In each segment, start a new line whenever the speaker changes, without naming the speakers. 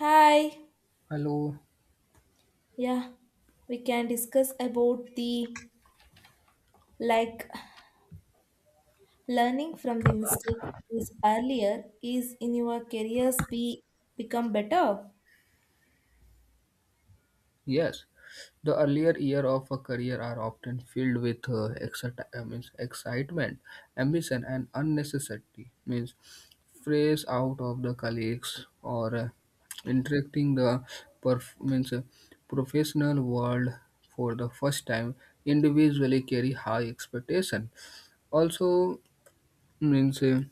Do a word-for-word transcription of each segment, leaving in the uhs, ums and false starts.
Hi.
Hello.
Yeah, we can discuss about the like learning from the mistakes is earlier is in your careers be become better.
Yes, the earlier year of a career are often filled with uh, excit- uh, means excitement, ambition, and unnecessity. Means phrase out of the colleagues or uh, interacting the perf- means uh, professional world for the first time individually carry high expectation. Also means. Uh,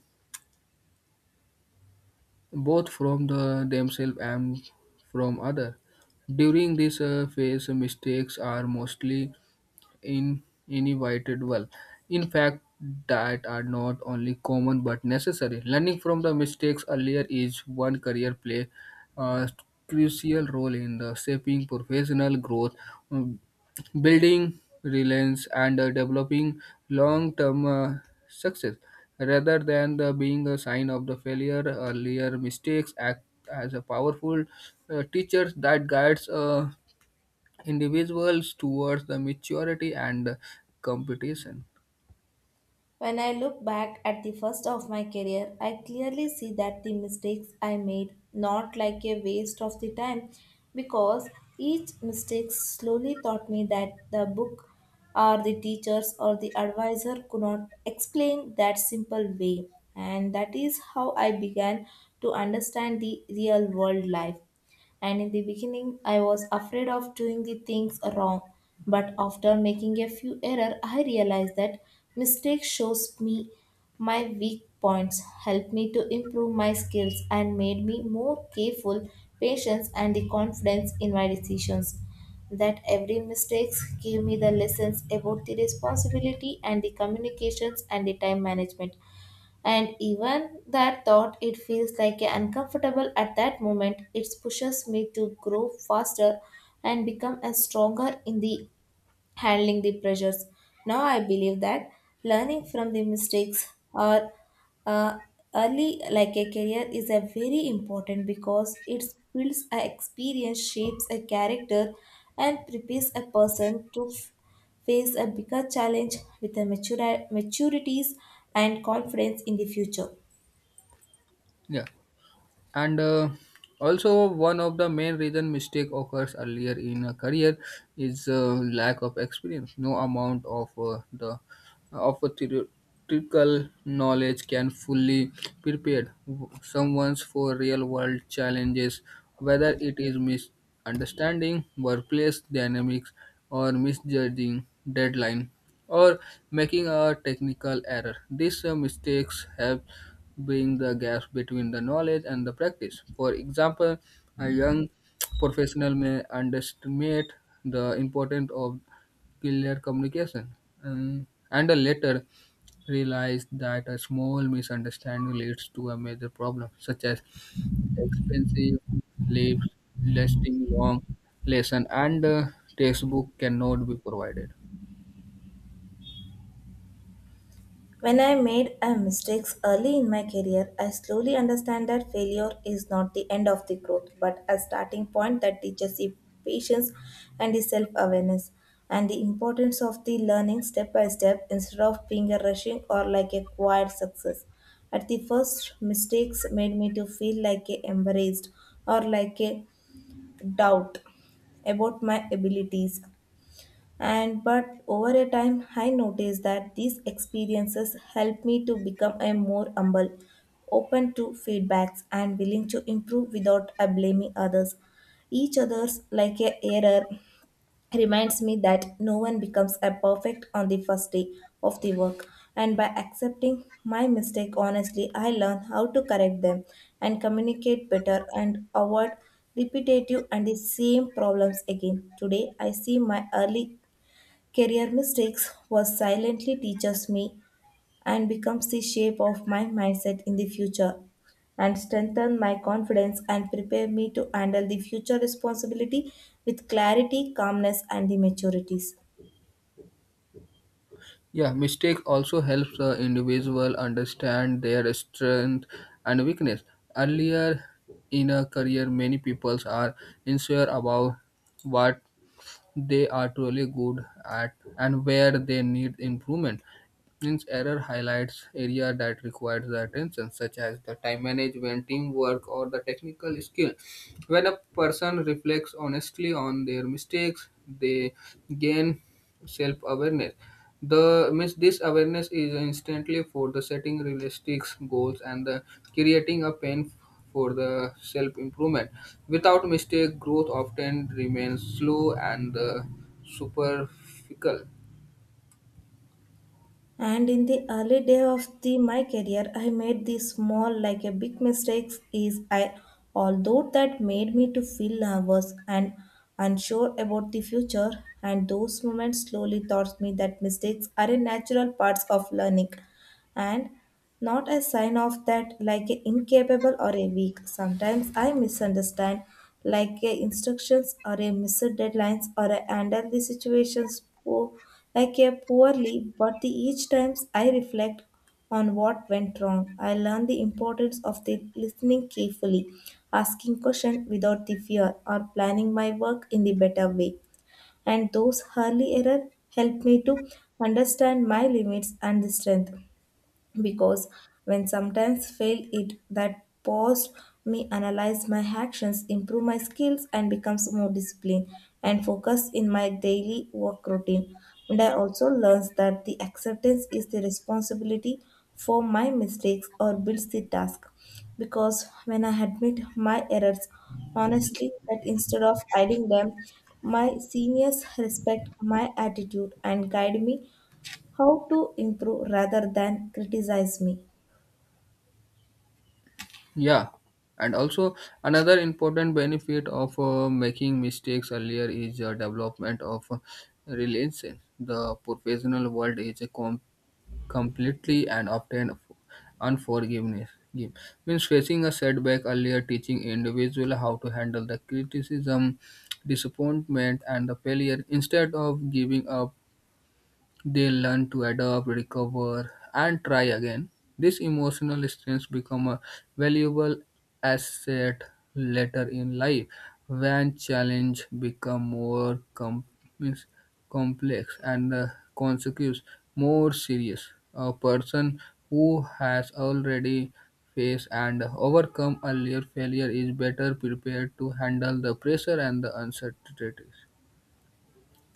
Both from the themselves and from other. During this uh, phase, mistakes are mostly in inevitable. In fact, that are not only common but necessary. Learning from the mistakes earlier is one career play a crucial role in the shaping professional growth, um, building resilience, and uh, developing long-term uh, success. Rather than the being a sign of the failure, earlier mistakes act as a powerful uh, teacher that guides. Uh, individuals towards the maturity and uh, competition.
When I look back at the first of my career, I clearly see that the mistakes I made not like a waste of the time because each mistake slowly taught me that the book or the teachers or the advisor could not explain that simple way, and that is how I began to understand the real world life. And in the beginning, I was afraid of doing the things wrong. But after making a few errors, I realized that mistake shows me my weak points, helped me to improve my skills, and made me more careful, patient, and the confidence in my decisions. That every mistake gave me the lessons about the responsibility and the communications and the time management. And even that thought, it feels like a uncomfortable at that moment. It pushes me to grow faster and become a stronger in the handling the pressures. Now I believe that learning from the mistakes or uh, early like a career is a very important because it builds a experience, shapes a character, and prepares a person to f- face a bigger challenge with a mature maturities and confidence in the future.
Yeah, and uh, also one of the main reason mistake occurs earlier in a career is uh, lack of experience, no amount of uh, the of theoretical knowledge can fully prepare someone for real-world challenges, whether it is misunderstanding workplace dynamics or misjudging deadline or making a technical error. These uh, mistakes help bring the gap between the knowledge and the practice. For example, a young professional may underestimate the importance of clear communication, um, and I later realized that a small misunderstanding leads to a major problem, such as expensive leaves, lasting long lesson, and uh, textbook cannot be provided.
When I made a mistakes early in my career, I slowly understand that failure is not the end of the growth, but a starting point that teaches the patience and the self-awareness and the importance of the learning step by step instead of being a rushing or like a quiet success. At the first, mistakes made me to feel like a embarrassed or like a doubt about my abilities, and but over a time I noticed that these experiences helped me to become a more humble, open to feedbacks and willing to improve without uh, blaming others. Each other's like a error reminds me that no one becomes a perfect on the first day of the work, and by accepting my mistake honestly I learn how to correct them and communicate better and avoid repetitive and the same problems again. Today I see my early career mistakes was silently teaches me and becomes the shape of my mindset in the future and strengthen my confidence and prepare me to handle the future responsibility with clarity, calmness and the maturities.
Yeah, mistake also helps uh, individual understand their strength and weakness. Earlier in a career, many people are unsure about what they are truly good at and where they need improvement. Means error highlights area that requires the attention, such as the time management, teamwork, or the technical skill. When a person reflects honestly on their mistakes, they gain self-awareness. The miss this awareness is instantly for the setting realistic goals and the creating a plan for the self improvement. Without mistake, growth often remains slow and uh, superficial.
And in the early day of the my career, I made these small like a big mistakes is I, although that made me to feel nervous and unsure about the future, and those moments slowly taught me that mistakes are a natural parts of learning and not a sign of that, like a incapable or a weak. Sometimes I misunderstand, like a instructions or a missed deadlines or a handle the situations poor, like a poorly. But the each times I reflect on what went wrong, I learn the importance of the listening carefully, asking question without the fear, or planning my work in the better way. And those early error help me to understand my limits and the strength, because when sometimes fail it, that paused me analyze my actions, improve my skills and becomes more disciplined and focus in my daily work routine. And I also learns that the acceptance is the responsibility for my mistakes or builds the task, because when I admit my errors honestly, that instead of hiding them, my seniors respect my attitude and guide me how to improve rather than criticize me.
Yeah, and also another important benefit of uh, making mistakes earlier is uh, development of uh, resilience. The professional world is a completely and obtain unforgiveness. Give. Means facing a setback earlier, teaching individual how to handle the criticism, disappointment, and the failure. Instead of giving up, they learn to adapt, recover, and try again. This emotional strength become a valuable asset later in life when challenge become more com- means complex and the consequences more serious. A person who has already faced and overcome earlier failure is better prepared to handle the pressure and the uncertainties.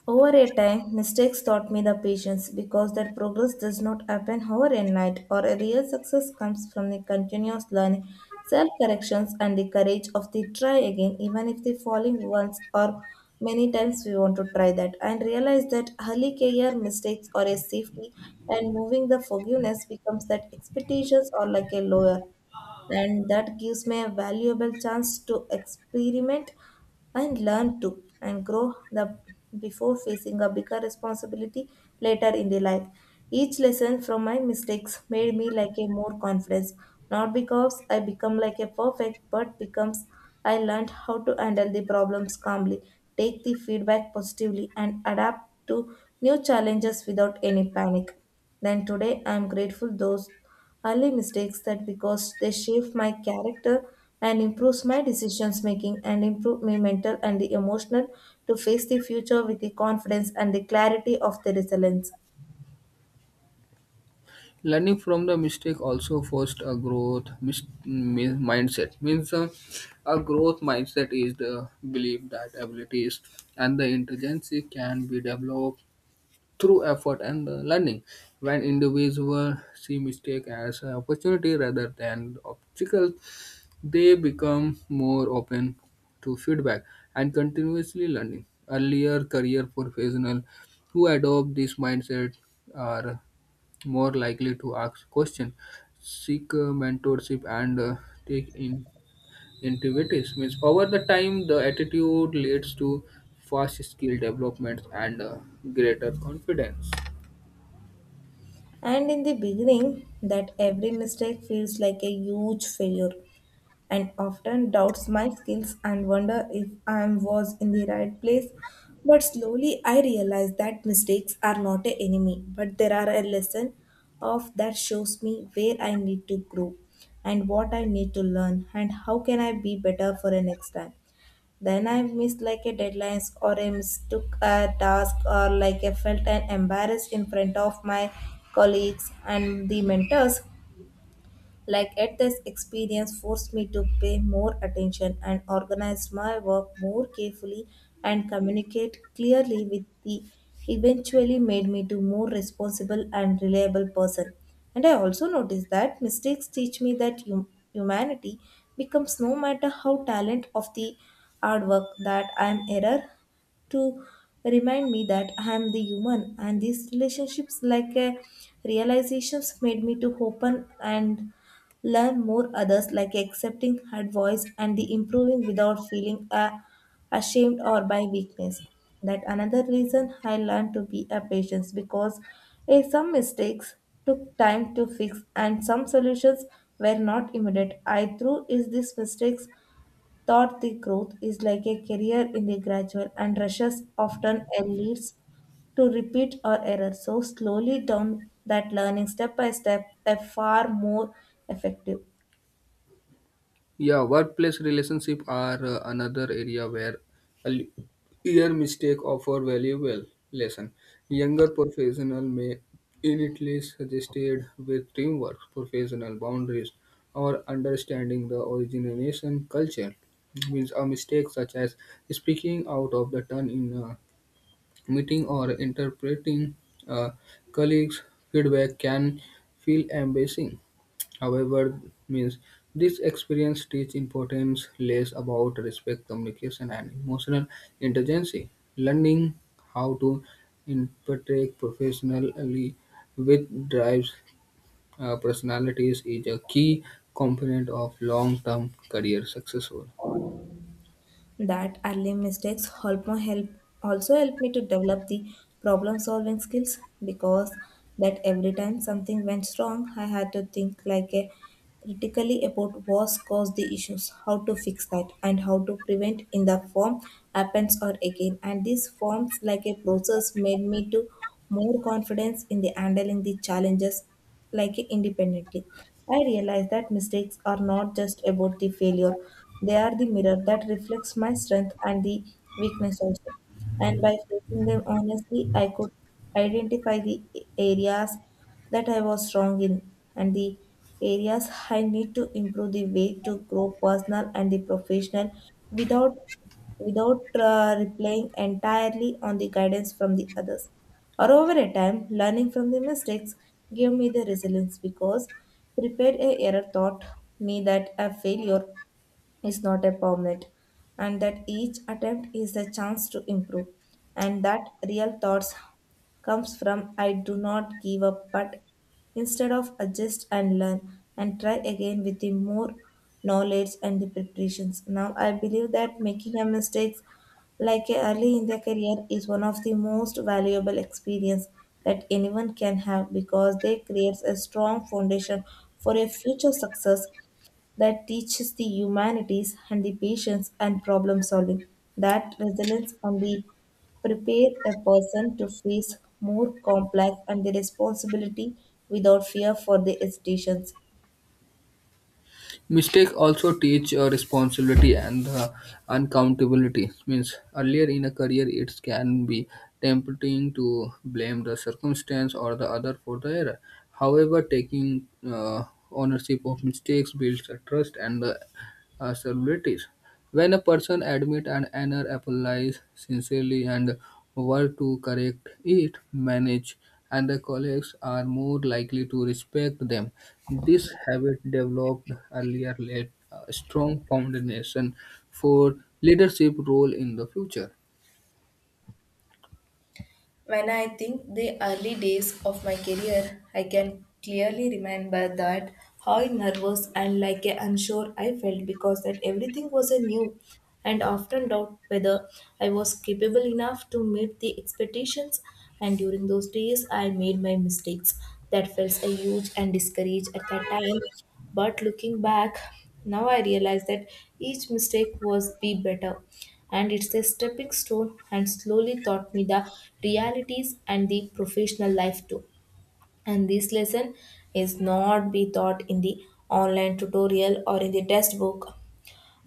Over a time, mistakes taught me the patience because that progress does not happen overnight, or a real success comes from the continuous learning, self corrections, and the courage of the try again, even if the falling once or many times we want to try that, and realize that early career mistakes are a safety, and moving the forgiveness becomes that expectations are like a lawyer, and that gives me a valuable chance to experiment and learn to and grow the before facing a bigger responsibility later in the life. Each lesson from my mistakes made me like a more confidence, not because I become like a perfect, but becomes I learned how to handle the problems calmly, take the feedback positively and adapt to new challenges without any panic. Then today I am grateful those early mistakes, that because they shape my character and improves my decisions making and improve my mental and the emotional to face the future with the confidence and the clarity of the resilience.
Learning from the mistake also forced a growth mis- mi- mindset means uh, a growth mindset is the belief that abilities and the intelligence can be developed through effort and uh, learning. When individuals see mistake as an opportunity rather than obstacle, they become more open to feedback and continuously learning. Earlier career professionals who adopt this mindset are more likely to ask questions, seek uh, mentorship, and uh, take in initiatives. Means over the time, the attitude leads to fast skill development and uh, greater confidence.
And in the beginning, that every mistake feels like a huge failure and often doubts my skills and wonder if I was in the right place. But slowly I realize that mistakes are not an enemy, but there are a lesson of that shows me where I need to grow and what I need to learn and how can I be better for the next time. Then I missed like a deadlines or I mistook a task or like I felt an embarrassed in front of my colleagues and the mentors, like at this experience forced me to pay more attention and organize my work more carefully and communicate clearly with the, eventually made me to more responsible and reliable person. And I also noticed that mistakes teach me that hum- humanity becomes no matter how talent of the hard work that I am, error to remind me that I am the human, and these relationships like a realizations made me to open and learn more others, like accepting advice and the improving without feeling uh, ashamed or by weakness. That another reason I learned to be a patient because eh, some mistakes took time to fix and some solutions were not immediate. I through is these mistakes thought the growth is like a career in the gradual, and rushes often leads to repeat or error. So slowly down that learning step by step, a far more effective.
Yeah, workplace relationship are uh, another area where a l- year mistake offer valuable lesson. Younger professional may initially suggested with teamwork, professional boundaries, or understanding the origination culture. Means a mistake such as speaking out of the turn in a meeting or interpreting a colleague's feedback can feel embarrassing. However, means this experience teach importance less about respect, communication, and emotional intelligence. Learning how to interpret professionally with drives uh, personalities is a key component of long-term career success.
That early mistakes help help also help me to develop the problem solving skills, because that every time something went wrong, I had to think like a critically about what caused the issues, how to fix that and how to prevent in the form happens or again, and this forms like a process made me to more confidence in the handling the challenges like independently. I realize that mistakes are not just about the failure, they are the mirror that reflects my strength and the weakness also. And by facing them honestly, I could identify the areas that I was wrong in and the areas I need to improve the way to grow personal and the professional without without uh, relying entirely on the guidance from the others. Or over a time, learning from the mistakes gave me the resilience, because prepared a error taught me that a failure is not a permanent, and that each attempt is a chance to improve, and that real thoughts comes from I do not give up, but instead of adjust and learn and try again with the more knowledge and the preparations. Now I believe that making a mistakes like a early in their career is one of the most valuable experience that anyone can have because they creates a strong foundation for a future success that teaches the humanities and the patience and problem solving. That resilience on the prepare a person to face more complex and the responsibility without fear for the hesitations.
Mistakes also teach uh, responsibility and uh, accountability. Means earlier in a career, it can be tempting to blame the circumstance or the other for the error. However, taking uh, ownership of mistakes builds a trust and the uh, stabilities. When a person admits an error, apologizes sincerely, and work to correct it, manage, and the colleagues are more likely to respect them. This habit developed earlier led a strong foundation for leadership role in the future.
When I think the early days of my career, I can clearly remember that how nervous and like a unsure I felt, because that everything was a new and often doubt whether I was capable enough to meet the expectations. And during those days I made my mistakes that felt a huge and discouraged at that time, but looking back now I realize that each mistake was be better and it's a stepping stone and slowly taught me the realities and the professional life too. And this lesson is not be taught in the online tutorial or in the textbook,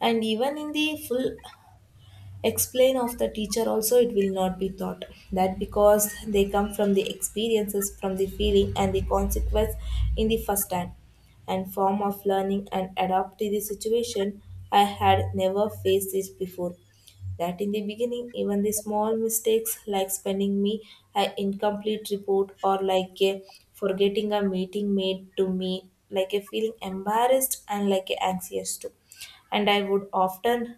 and even in the full explain of the teacher also it will not be taught that, because they come from the experiences, from the feeling and the consequence in the first hand and form of learning and adapt to the situation I had never faced this before. That in the beginning, even the small mistakes like spending me an incomplete report or like a forgetting a meeting made to me like a feeling embarrassed and like a anxious too, and I would often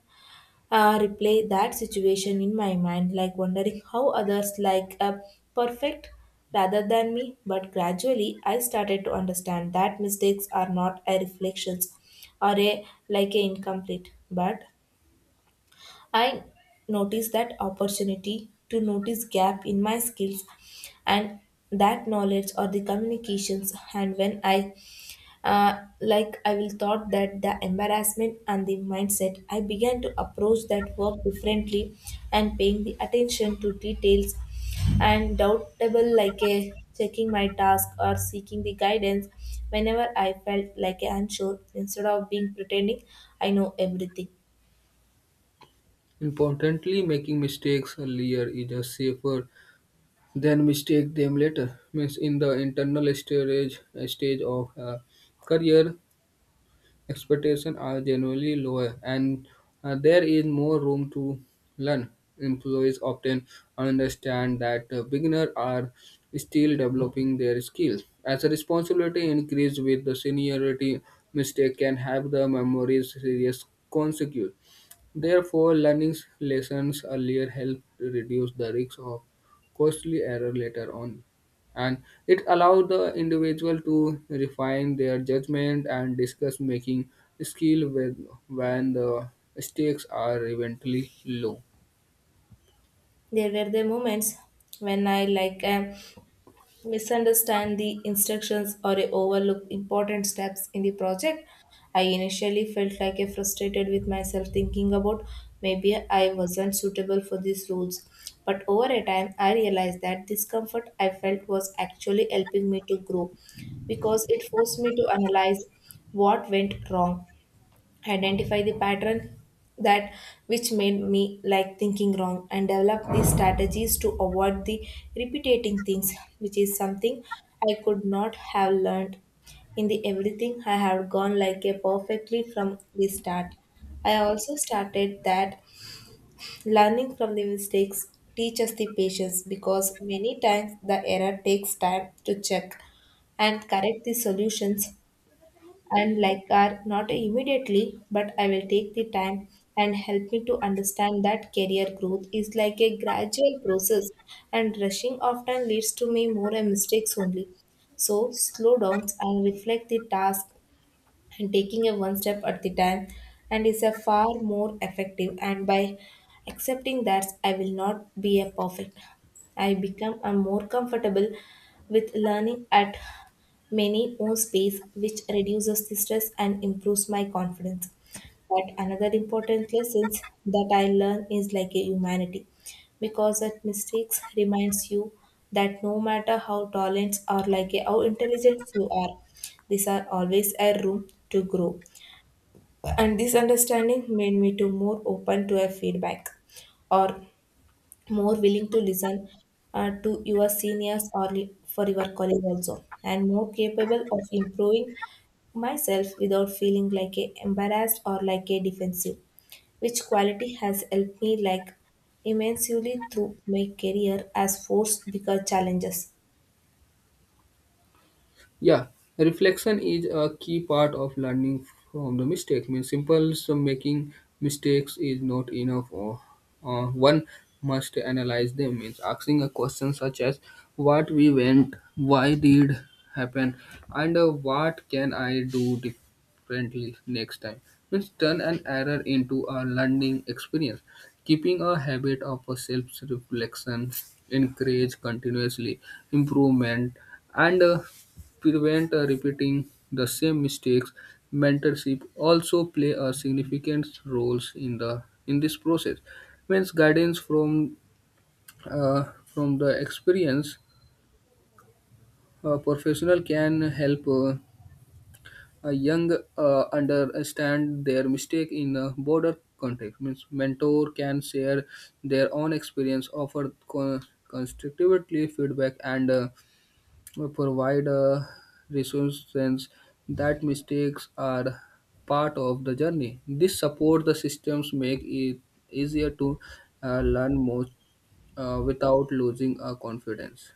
uh, replay that situation in my mind, like wondering how others like a perfect rather than me. But gradually, I started to understand that mistakes are not a reflections or a like a incomplete, but I noticed that opportunity to notice gap in my skills and that knowledge or the communications and when I uh, like I will thought that the embarrassment and the mindset, I began to approach that work differently and paying the attention to details and doubtable like a checking my task or seeking the guidance whenever I felt like a unsure instead of being pretending I know everything.
Importantly, making mistakes earlier is a safer than mistake them later. Means in the internal stage stage of a career, expectations are generally lower, and uh, there is more room to learn. Employees often understand that uh, beginners are still developing their skills. As a responsibility increases with the seniority, mistake can have the memories serious consequences. Therefore, learning lessons earlier helped reduce the risk of costly error later on, and it allowed the individual to refine their judgment and discuss making skill with, when the stakes are eventually low.
There were the moments when I like am misunderstand the instructions or overlook important steps in the project. I initially felt like I frustrated with myself thinking about maybe I wasn't suitable for these roles. But over a time I realized that discomfort I felt was actually helping me to grow because it forced me to analyze what went wrong, identify the pattern that which made me like thinking wrong and develop these strategies to avoid the repeating things which is something I could not have learned in the everything I have gone like a perfectly from the start. I also started that learning from the mistakes teaches the patience because many times the error takes time to check and correct the solutions and like are not immediately, but I will take the time and help me to understand that career growth is like a gradual process and rushing often leads to me more mistakes only. So slow down and reflect the task and taking a one step at the time and is a far more effective, and by accepting that I will not be a perfect I become a more comfortable with learning at many own space which reduces the stress and improves my confidence. But another important lessons that I learn is like a humanity because that mistakes reminds you that no matter how talented or like a, how intelligent you are, these are always a room to grow. And this understanding made me to more open to a feedback or more willing to listen uh, to your seniors or li- for your colleagues also and more capable of improving myself without feeling like a embarrassed or like a defensive, which quality has helped me like immensely through my career as force bigger challenges.
Yeah, reflection is a key part of learning from the mistake. Means simple so making mistakes is not enough. Or uh, One must analyze them. Means asking a question such as what we went, why did happen, and uh, what can I do differently next time. Means turn an error into a learning experience. Keeping a habit of self-reflection encourage continuously improvement and. Uh, prevent uh, repeating the same mistakes. Mentorship also play a significant roles in the in this process. Means guidance from uh, from the experience a professional can help uh, a young uh, understand their mistake in a broader context. Means mentor can share their own experience, offer con- constructively feedback, and uh, provide a reassurance that mistakes are part of the journey. This support the systems make it easier to uh, learn more uh, without losing our confidence.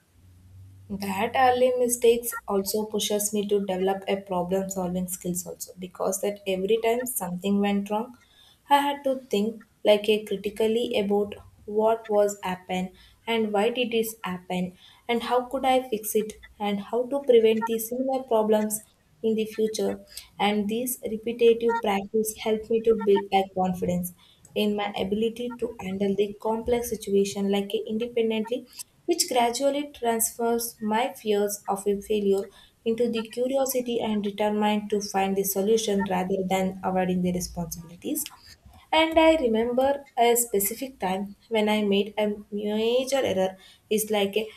That early mistakes also pushes me to develop a problem solving skills also because that every time something went wrong I had to think like a critically about what was happened and why did this happen and how could I fix it and how to prevent these similar problems in the future. And this repetitive practice helped me to build a confidence in my ability to handle the complex situation like independently, which gradually transfers my fears of a failure into the curiosity and determined to find the solution rather than avoiding the responsibilities. And I remember a specific time when I made a major error. It's like a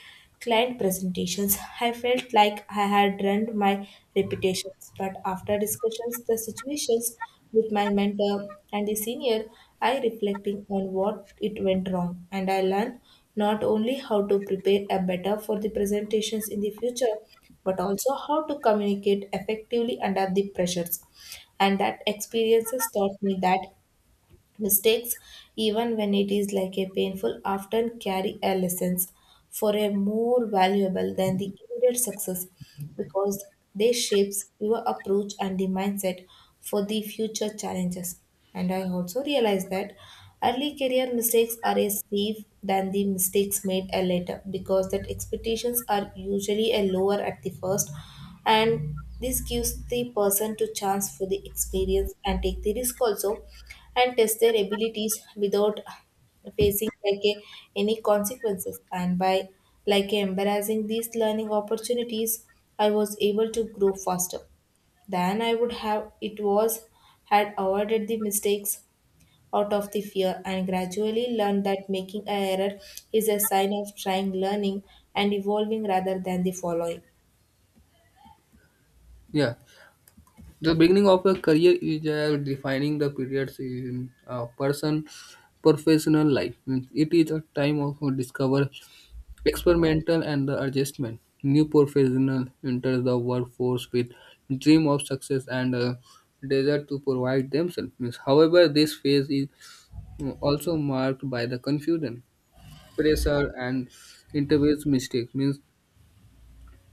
client presentations. I felt like I had ruined my reputations, but after discussions, the situations with my mentor and the senior, I reflecting on what it went wrong, and I learned not only how to prepare a better for the presentations in the future, but also how to communicate effectively under the pressures. And that experiences taught me that mistakes, even when it is like a painful, often carry a lessons for a more valuable than the immediate success because they shapes your approach and the mindset for the future challenges. And I also realized that early career mistakes are a safe than the mistakes made a later because that expectations are usually a lower at the first and this gives the person to chance for the experience and take the risk also and test their abilities without facing like a, any consequences, and by like embracing these learning opportunities I was able to grow faster than I would have it was had avoided the mistakes out of the fear and gradually learned that making a error is a sign of trying learning and evolving rather than the following.
Yeah, the beginning of a career is uh, defining the periods in a person professional life. Means it is a time of discover experimental and the adjustment. New professional enters the workforce with dream of success and a desire to provide themselves. Means, however, this phase is mm, also marked by the confusion, pressure, and interviews mistakes. Means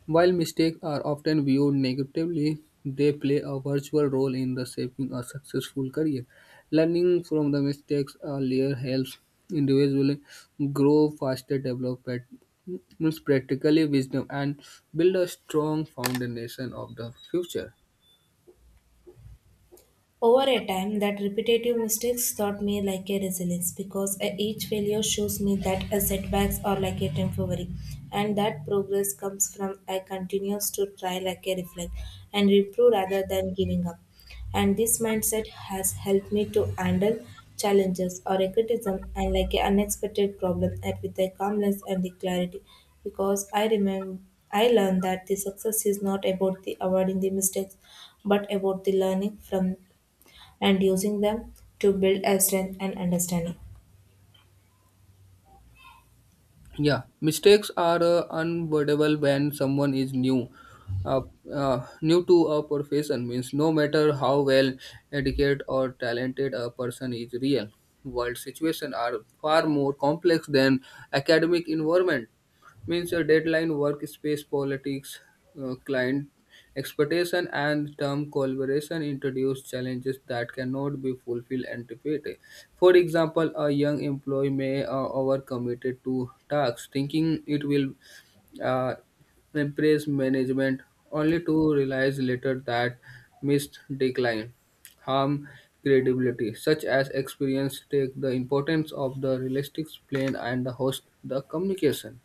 while mistakes are often viewed negatively, they play a virtual role in the shaping a successful career. Learning from the mistakes earlier helps individuals grow faster, develop pat- means practically wisdom, and build a strong foundation of the future.
Over a time, that repetitive mistakes taught me like a resilience because uh, each failure shows me that uh, setbacks are like a temporary and that progress comes from I continues to try like a reflect and improve rather than giving up. And this mindset has helped me to handle challenges or a criticism and like an unexpected problem and with a calmness and the clarity because I remember I learned that the success is not about the avoiding the mistakes but about the learning from and using them to build a strength and understanding.
Yeah, mistakes are uh, unavoidable when someone is new. Uh, uh, New to a profession means no matter how well educated or talented a person is, real world situations are far more complex than academic environment. Means a deadline, workspace politics, uh, client expectation, and term collaboration introduce challenges that cannot be fulfilled anticipated. For example, a young employee may uh, overcommitted to tasks, thinking it will uh, impress management, only to realize later that missed decline harm credibility, such as experience take the importance of the realistic plan and the host the communication.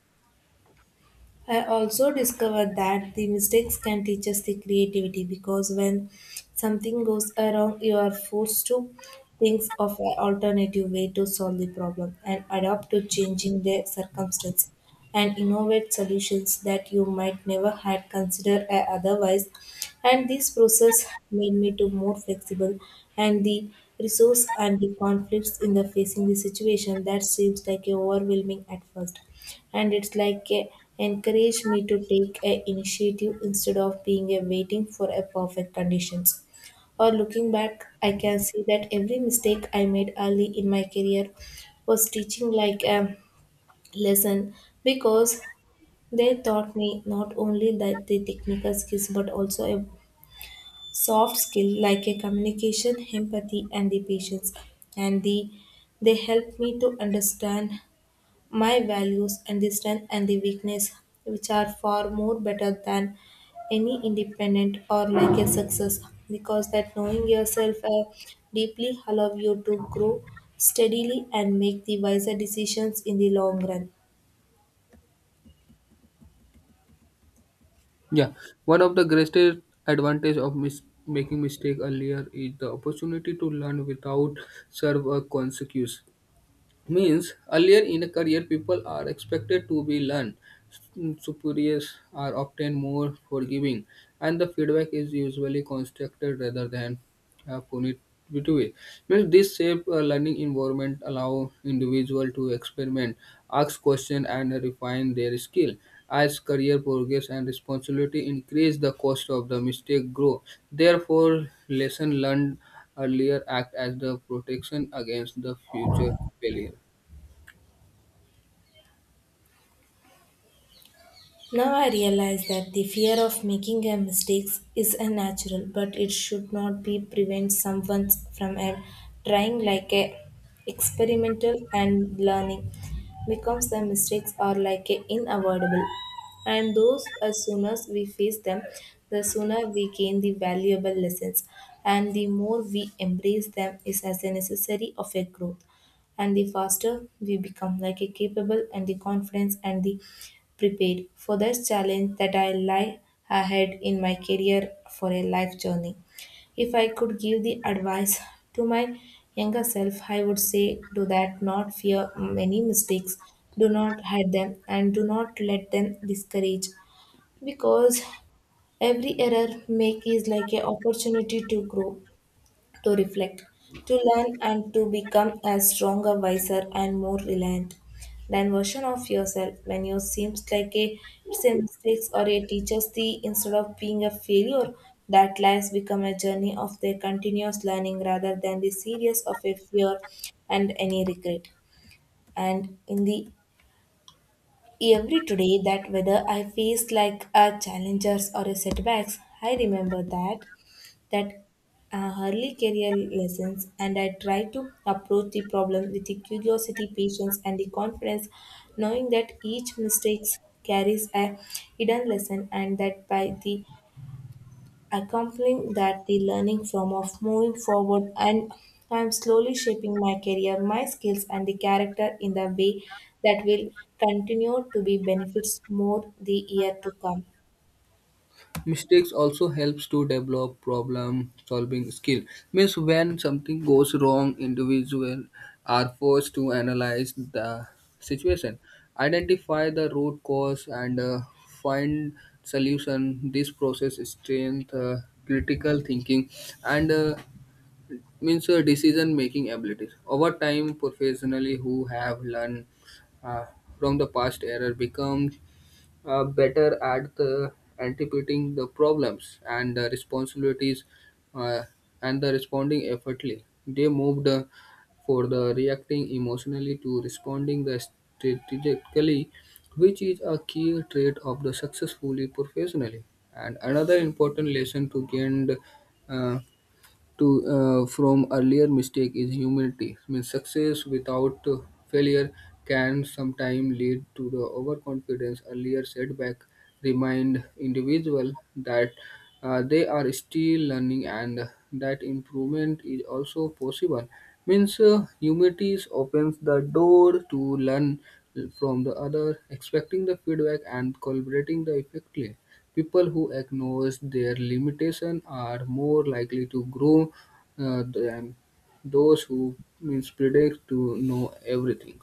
I also discovered that the mistakes can teach us the creativity because when something goes wrong, you are forced to think of an alternative way to solve the problem and adapt to changing the circumstance and innovate solutions that you might never had considered uh, otherwise. And this process made me to more flexible and the resource and the conflicts in the facing the situation that seems like overwhelming at first and it's like a encourage me to take a initiative instead of being a waiting for a perfect conditions. Or looking back I can see that every mistake I made early in my career was teaching like a lesson because they taught me not only that the technical skills but also a soft skill like a communication, empathy and the patience and the they helped me to understand my values and the strength and the weakness, which are far more better than any independent or like a success, because that knowing yourself uh, deeply allow you to grow steadily and make the wiser decisions in the long run.
Yeah, one of the greatest advantage of mis- making mistake earlier is the opportunity to learn without serve a consequence. Means earlier in a career people are expected to be learned. Superiors are often more forgiving and the feedback is usually constructed rather than uh, punitive. Means this shape uh, learning environment allow individual to experiment, ask question and refine their skill. As career progress and responsibility increase, the cost of the mistake grow. Therefore lesson learned earlier act as the protection against the future failure.
Now I realize that the fear of making a mistake is a natural, but it should not be prevent someone from a- trying like a experimental and learning because the mistakes are like a unavoidable. And those as soon as we face them, the sooner we gain the valuable lessons and the more we embrace them is as a necessary of a growth and the faster we become like a capable and the confidence and the prepared for this challenge that I lie ahead in my career for a life journey. If I could give the advice to my younger self, I would say do that not fear many mistakes, do not hide them and do not let them discourage because every error make is like an opportunity to grow, to reflect, to learn, and to become a stronger, wiser, and more reliant than version of yourself. When you seems like a it's a mistakes or a teacher's the instead of being a failure that lies become a journey of their continuous learning rather than the series of a fear and any regret. And in the every today that whether I faced like a challenges or a setbacks, I remember that that uh, early career lessons and I try to approach the problem with the curiosity, patience and the confidence, knowing that each mistake carries a hidden lesson and that by the accompanying that, the learning from of moving forward, and I'm slowly shaping my career, my skills, and the character in the way that will continue to be benefits more the year to come.
Mistakes also helps to develop problem solving skill. Means when something goes wrong, individuals are forced to analyze the situation, identify the root cause, and uh, find solution. This process strength uh, critical thinking and uh, means your decision making abilities. Over time professionally who have learned uh, from the past error becomes uh, better at the anticipating the problems and the responsibilities uh, and the responding effortly. They moved uh, for the reacting emotionally to responding the strategically, which is a key trait of the successfully professionally. And another important lesson to gain uh, to uh, from earlier mistake is humility. Means success without uh, failure can sometimes lead to the overconfidence. Earlier setback remind individual that uh, they are still learning and that improvement is also possible. Means uh, humility opens the door to learn from the other, expecting the feedback and collaborating the effectively. People who acknowledge their limitation are more likely to grow uh, than those who means predict to know everything.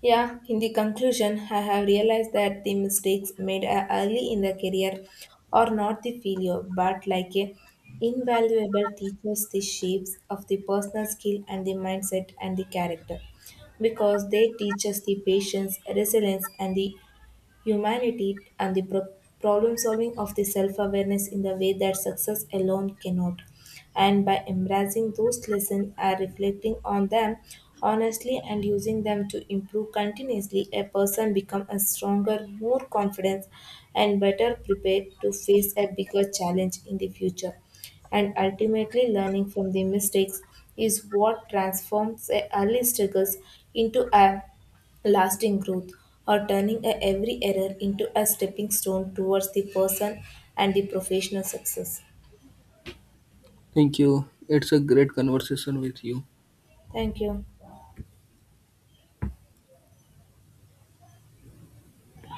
Yeah, in the conclusion, I have realized that the mistakes made uh, early in the career are not the failure, but like a invaluable teachers the shapes of the personal skill and the mindset and the character because they teach us the patience, resilience, and the humanity and the pro- problem solving of the self awareness in the way that success alone cannot. And by embracing those lessons and reflecting on them honestly and using them to improve continuously, a person becomes a stronger, more confident, and better prepared to face a bigger challenge in the future. And ultimately learning from the mistakes is what transforms a early struggles into a lasting growth or turning a every error into a stepping stone towards the person and the professional success.
Thank you. It's a great conversation with you.
Thank you.